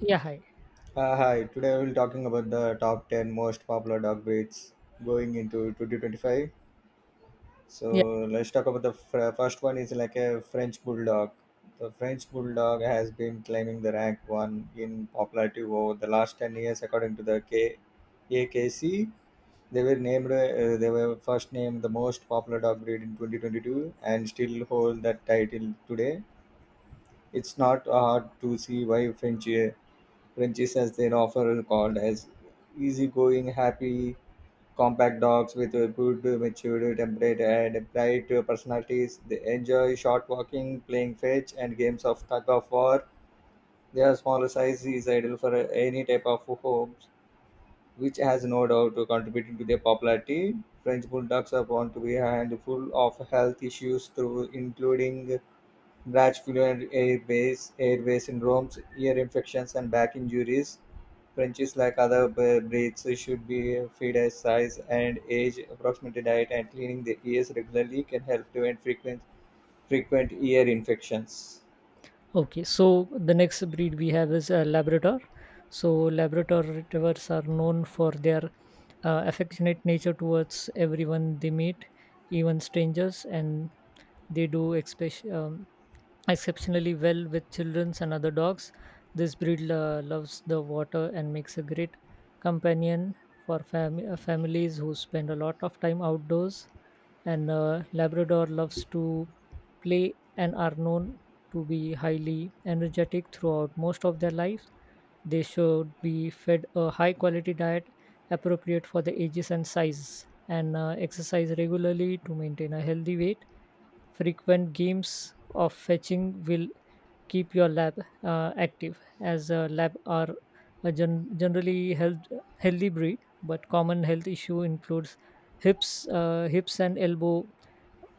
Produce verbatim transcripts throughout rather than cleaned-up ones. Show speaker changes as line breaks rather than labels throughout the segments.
Yeah, hi.
Uh, hi, today we'll talking about the top ten most popular dog breeds going into twenty twenty-five. So
Yeah,
let's talk about the fr- first one is like a French Bulldog. The French Bulldog has been climbing the rank one in popularity over the last ten years according to the K A K C. They were named, uh, they were first named the most popular dog breed in twenty twenty-two and still hold that title today. It's not hard to see why French uh, Frenchies, as they're often called, as easygoing, happy, compact dogs with a good matured temperament and bright personalities. They enjoy short walking, playing fetch, and games of tug of war. Their smaller size is ideal for any type of homes, which has no doubt contributing to their popularity. French bulldogs are found to be handful of health issues through including Brazzaville Airways Airways in Rome's ear infections and back injuries. Frenchies, like other b- breeds, should be fed as size and age approximate diet, and cleaning the ears regularly can help prevent frequent frequent ear infections.
okay. So the next breed we have is uh, Labrador. So Labrador retrievers are known for their uh, affectionate nature towards everyone they meet, even strangers, and they do expe- um, exceptionally well with children and other dogs. This breed uh, loves the water and makes a great companion for fam- uh, families who spend a lot of time outdoors, and uh, labrador loves to play and are known to be highly energetic throughout most of their lives. They should be fed a high quality diet appropriate for the ages and size, and uh, exercise regularly to maintain a healthy weight. Frequent games of fetching will keep your lab uh, active, as uh, lab are a gen- generally health- healthy breed, but common health issue includes hips, uh, hips and elbow,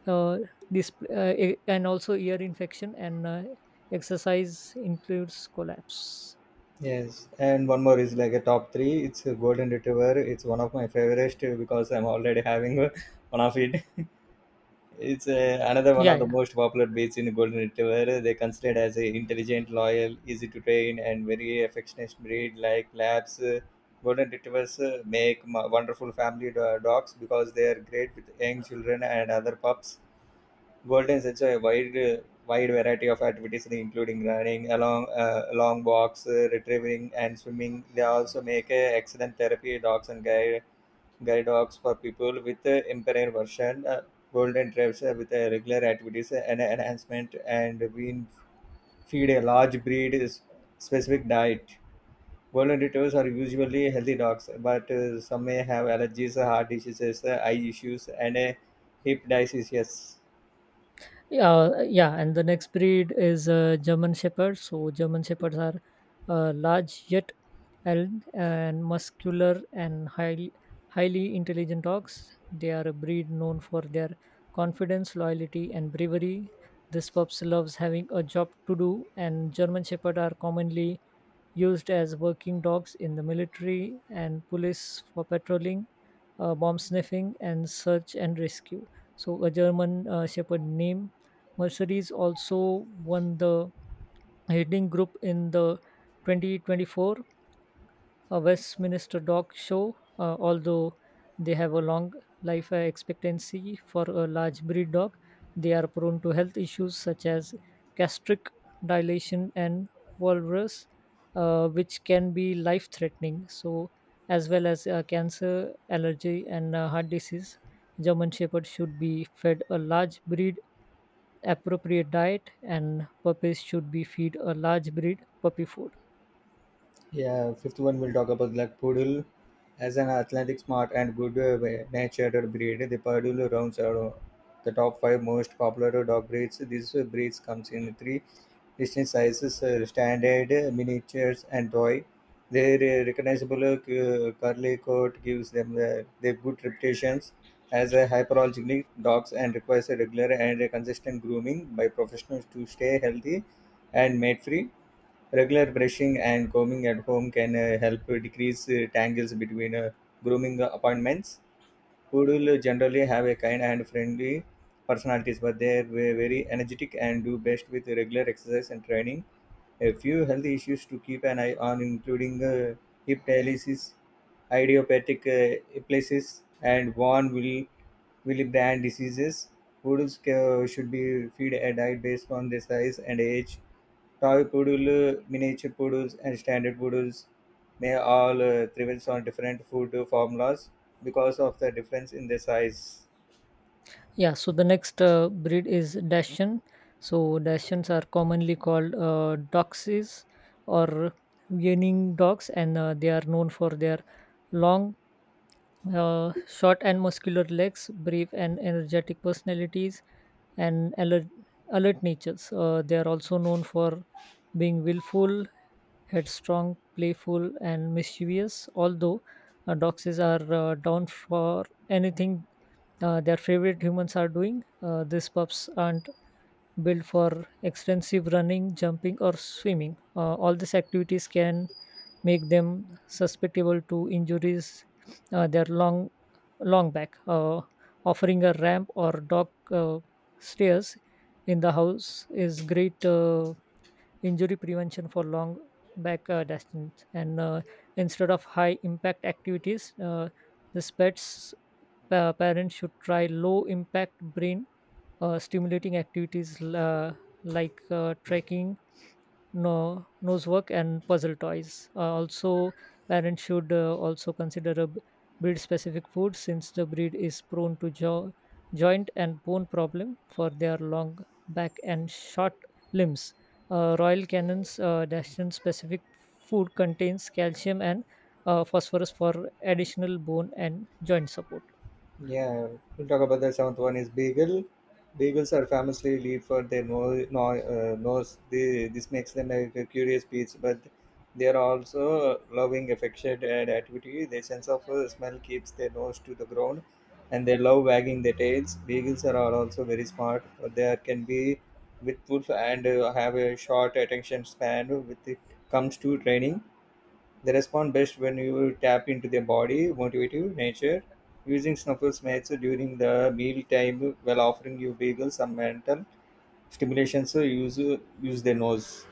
uh, this uh, e- and also ear infection, and uh, exercise includes collapse.
Yes, and one more is like a top three. It's a golden retriever. It's one of my favorite because I'm already having one of it. It's uh, another one
Yeah,
of the
yeah,
most popular beaches in Golden Retriever. They considered as a intelligent, loyal, easy to train, and very affectionate breed like Labs. Uh, Golden Retrievers uh, make mo- wonderful family do- dogs because they are great with young children and other pups. Goldens enjoy a wide, uh, wide variety of activities, including running, along, uh, long walks, uh, retrieving, and swimming. They also make uh, excellent therapy dogs and guide guide dogs for people with uh, impaired version, uh, golden retrieves uh, with uh, regular activities uh, and enhancement, and we feed a large breed is specific diet. Golden retrievers are usually healthy dogs, but uh, some may have allergies, uh, heart diseases, uh, eye issues, and uh, hip diseases.
yeah, uh, yeah. And the next breed is uh, german shepherd. So german shepherds are uh, large yet and, and muscular and highly highly intelligent dogs. They are a breed known for their confidence, loyalty and bravery. This pups loves having a job to do, and german shepherd are commonly used as working dogs in the military and police for patrolling, uh, bomb sniffing, and search and rescue. So, a German uh, Shepherd named Mercedes also won the leading group in the twenty twenty-four a Westminster Dog Show, uh, although they have a long life expectancy for a large breed dog, they are prone to health issues such as gastric dilation and walrus, uh, which can be life threatening. So, as well as uh, cancer, allergy, and uh, heart disease, German Shepherd should be fed a large breed appropriate diet, and puppies should be fed a large breed puppy food.
Yeah, fifth one we'll talk about like poodle. As an athletic, smart, and good uh, natured breed, the poodle rounds are the top five most popular dog breeds. These breeds comes in three distinct sizes, uh, standard, uh, miniatures, and toy. Their uh, recognizable uh, curly coat gives them uh, their good reputations as a hyperallergenic dogs and requires a regular and a consistent grooming by professionals to stay healthy and mate free. Regular brushing and combing at home can uh, help decrease uh, tangles between uh, grooming appointments. Poodle generally have a kind and friendly personalities, but they are ve- very energetic and do best with regular exercise and training. A few health issues to keep an eye on, including uh, hip dialysis, idiopathic uh, epilepsies, and von Wille- Willebrand diseases. Poodles ca- should be fed a diet based on their size and age. Toy poodle, uh, miniature poodles, and standard poodles may all uh, thrive on different food uh, formulas because of the difference in their size.
Yeah, so the next uh, breed is Dacian. So Dacians are commonly called uh, Doxies or yearning dogs, and uh, they are known for their long uh, short and muscular legs, brief and energetic personalities, and alert, alert natures. Uh, they are also known for being willful, headstrong, playful, and mischievous. Although uh, doxes are uh, down for anything uh, their favorite humans are doing, uh, these pups aren't built for extensive running, jumping, or swimming. Uh, all these activities can make them susceptible to injuries. Uh, their long long back, uh, offering a ramp or dock uh, stairs in the house is great uh, injury prevention for long back uh, distance. And uh, instead of high impact activities, uh, the pets pa- parents should try low impact brain uh, stimulating activities uh, like uh, trekking, no, nosework and puzzle toys. Uh, also, parents should uh, also consider a b- breed-specific food since the breed is prone to jo- joint and bone problem for their long back and short limbs. Uh, Royal Canin's uh, Dachshund-specific food contains calcium and uh, phosphorus for additional bone and joint support.
Yeah, we'll talk about the seventh one is beagle. Beagles are famously lead for their no, no, uh, nose. They, this makes them a, a curious beast, but they are also loving, affectionate, and activity. Their sense of uh, smell keeps their nose to the ground, and they love wagging their tails. Beagles are all also very smart. They can be with wolf and uh, have a short attention span. With it comes to training, they respond best when you tap into their body motivative nature. Using snuffle mates during the meal time while offering you bagels some mental stimulation so use use their nose.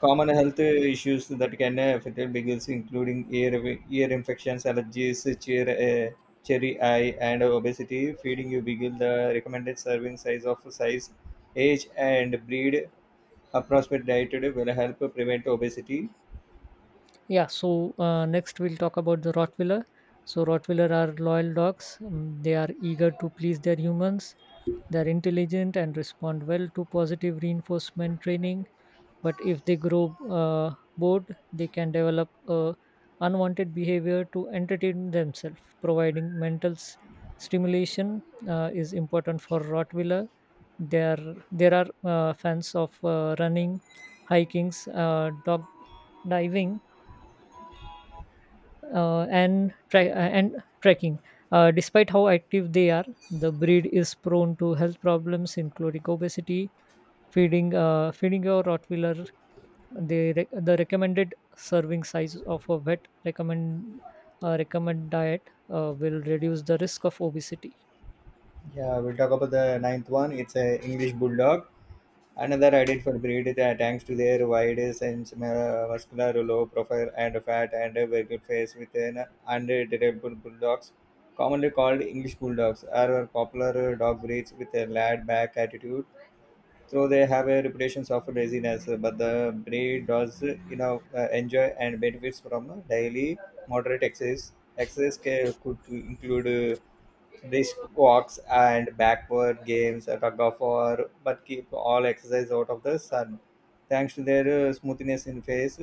Common health issues that can affect bagels including ear ear infections, allergies, cheer, uh, cherry eye, and obesity. Feeding you bagel the recommended serving size of size, age, and breed approximate diet will help prevent obesity.
Yeah, so uh, next we'll talk about the Rottweiler. So, Rottweiler are loyal dogs. Um, they are eager to please their humans. They are intelligent and respond well to positive reinforcement training. But if they grow uh, bored, they can develop uh, unwanted behavior to entertain themselves. Providing mental s- stimulation uh, is important for Rottweiler. There, there are uh, fans of uh, running, hiking, uh, dog diving uh, and tra- uh, and tracking. Uh, despite how active they are, the breed is prone to health problems, including obesity. Feeding uh, feeding your Rottweiler, the re- the recommended serving size of a vet recommend uh, recommend diet uh, will reduce the risk of obesity.
Yeah, we'll talk about the ninth one. It's a English Bulldog. Another identified breed that thanks to their wide sense uh, muscular low profile and fat and a very good face with an undetectable bulldogs. Commonly called English Bulldogs are popular dog breeds with a laid back attitude. So they have a reputation of laziness, but the breed does you know uh, enjoy and benefits from daily moderate exercise. Exercise ca- could include uh, brisk walks and backward games, a tug of war, but keep all exercise out of the sun. Thanks to their uh, smoothness in face,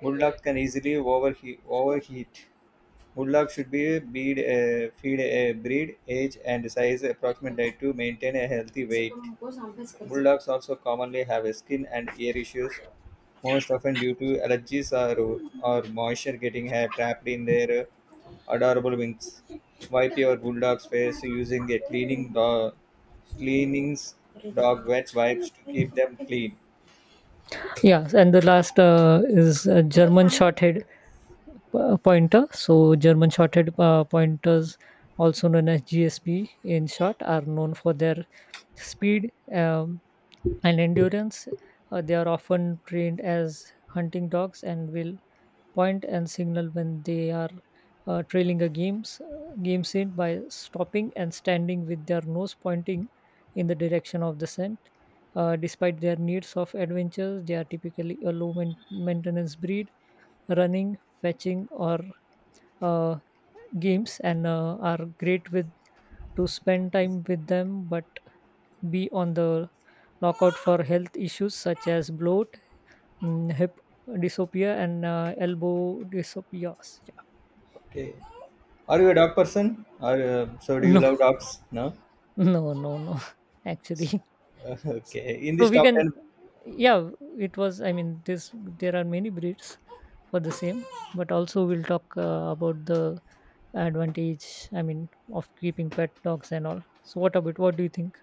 bulldogs can easily overheat. overheat. Bulldogs should be breed, uh, feed a breed, age, and size approximate diet to maintain a healthy weight. Bulldogs also commonly have a skin and ear issues, most often due to allergies or, or moisture getting uh, trapped in their uh, adorable wings. Wipe your bulldog's face using a cleaning do- cleanings, dog wet wipes to keep them clean.
Yeah, and the last uh, is uh, German Shorthair uh, pointer. So, German shorted uh, pointers, also known as G S P in short, are known for their speed um, and endurance. Uh, they are often trained as hunting dogs and will point and signal when they are uh, trailing a games game scene by stopping and standing with their nose pointing in the direction of the scent. Uh, despite their needs of adventures, they are typically a low main- maintenance breed running, fetching, or uh, games, and uh, are great with to spend time with them, but be on the lookout for health issues such as bloat, mm, hip dysopia, and uh, elbow dysopia. Yeah.
Okay. Are you a dog person? Are uh, So do you
No,
love dogs? No.
no, no, no. Actually,
Okay. In
so
this
we
top
can,
ten
yeah. It was. I mean, this there are many breeds for the same, but also we'll talk uh, about the advantage, I mean, of keeping pet dogs and all. So what about, what do you think?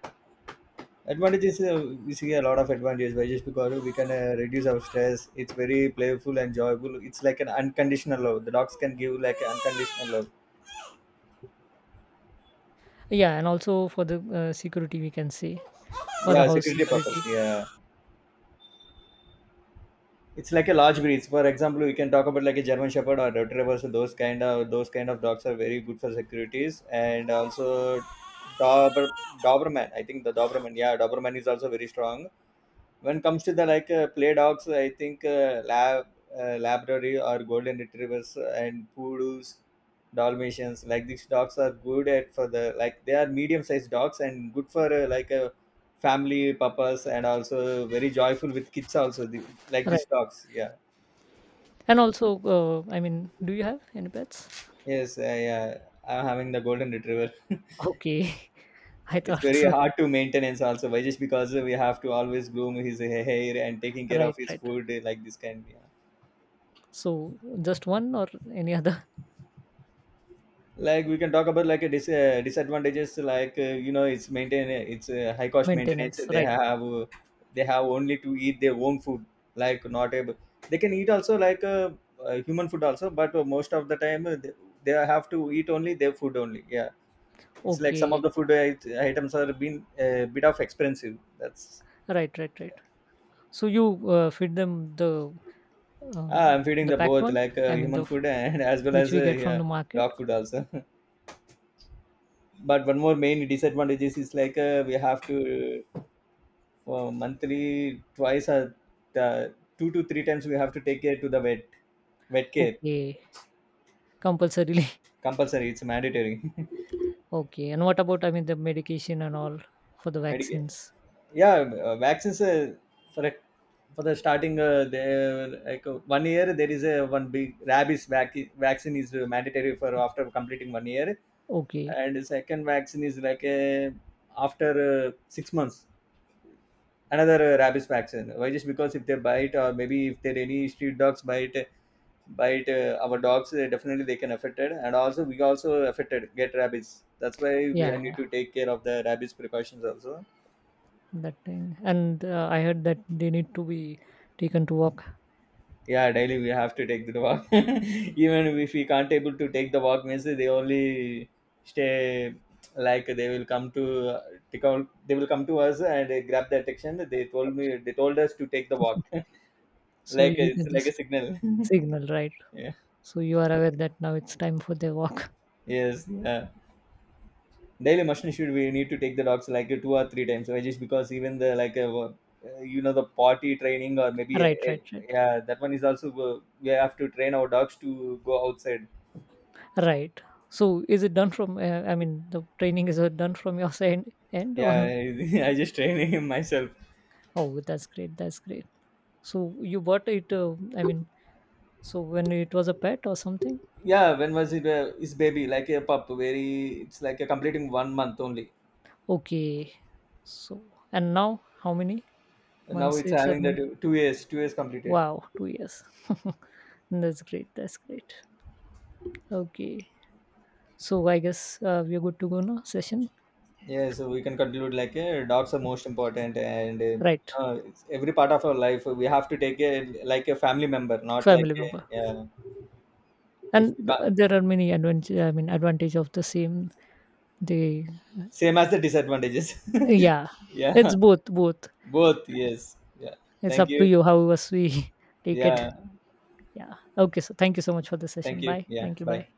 advantages, uh, we see a lot of advantages. By just because we can uh, reduce our stress. It's very playful and joyful. It's like an unconditional love. The dogs can give like unconditional love.
Yeah, and also for the uh, security, we can say, for the
Yeah,
house
security
security,
purpose. Yeah, it's like a large breeds. For example, we can talk about like a German Shepherd or Retriever. So those kind of those kind of dogs are very good for securities and also Dober Doberman. I think the Doberman, yeah, Doberman is also very strong. When it comes to the like uh, play dogs, I think uh, lab uh, Labrador or golden retrievers and poodles, Dalmatians like these dogs are good at for the like they are medium sized dogs and good for uh, like a family purpose and also very joyful with kids also the, like these
right.
dogs. Yeah.
And also uh, I mean, do you have any pets?
Yes. Uh, yeah. I'm having the golden retriever.
Okay, I
It's
thought
very
so.
hard to maintenance also, why just because we have to always groom his hair and taking care of
Right,
his
right.
food uh, like this kind. Yeah.
So just one or any other?
Like we can talk about like a dis- uh, disadvantages like uh, you know it's maintain it's uh, high cost maintenance
maintenance,
they
right.
have uh, they have only to eat their own food, like not able they can eat also like uh, uh, human food also, but uh, most of the time uh, they, they have to eat only their food only. Yeah, it's like some of
Okay,
the food it- items are been a bit of expensive that's
right, right,
yeah.
right. So you uh, feed them the
Ah,
um,
I'm feeding
the
the
packed
both
one.
like uh,
I mean,
human
the f-
food and as well
which
as
we
uh,
get from
yeah,
the market.
dog food also. But one more main disadvantages is like uh, we have to for monthly twice or the two to three times we have to take care to the vet vet care.
Okay, compulsorily.
Compulsory, it's mandatory.
Okay, and what about, I mean, the medication and all, for the
Medica-
vaccines?
yeah, uh, vaccines, uh, for a, for the starting uh, there like uh, one year there is a one big rabies vac- vaccine is uh, mandatory for after completing one year,
Okay,
and second vaccine is like a after uh, six months another uh, rabies vaccine. Why just because if they bite, or maybe if there any street dogs bite bite uh, our dogs, uh, definitely they can affected and also we also affected get rabies. That's why we
yeah, yeah,
need to take care of the rabies precautions also.
that thing. And uh, I heard that they need to be taken to walk,
Yeah, daily we have to take the walk. Even if we can't able to take the walk, means they only stay, like they will come to uh, they come- they will come to us and uh, grab the attention. They told me, they told us to take the walk.
so
Like,
you
it's
can
like a
just
signal.
signal, right? So you are aware that now it's time for the walk.
Yes, yeah. Daily machine should we need to take the dogs like two or three times, right? Just because even the like uh, wo- uh, you know the potty training or maybe uh,
Right,
uh,
right, right,
yeah, that one is also go- we have to train our dogs to go outside.
right. So is it done from? Uh, I mean, the training is uh, done from your side end on.
Yeah, I just training him myself.
Oh, that's great. That's great. So you bought it. Uh, I mean, so when it was a pet or something.
Yeah, when was it? Uh, his baby like a pup, very it's like a completing one month only.
Okay. So and now how many?
Now
Months
it's
it's have
having
been,
that two years, two years completed.
wow, two years. that's great. That's great. Okay. So I guess uh, we're good to go now. Session,
Yeah, so we can conclude like uh, dogs are most important, and
right?
uh, uh, it's every part of our life we have to take it like a family member, not like
Family member,
a, uh, yeah, if
and
you can't,
th- there are many advantage. I mean, advantage of the same. The,
same as the disadvantages.
yeah,
Yeah,
it's both. Both.
both. Yes. Yeah.
It's
Thank
up to
you.
you how us we take it.
Yeah.
Yeah. Okay. So thank you so much for the
Thank
session.
you.
Bye.
Yeah.
Thank you.
Bye.
Bye.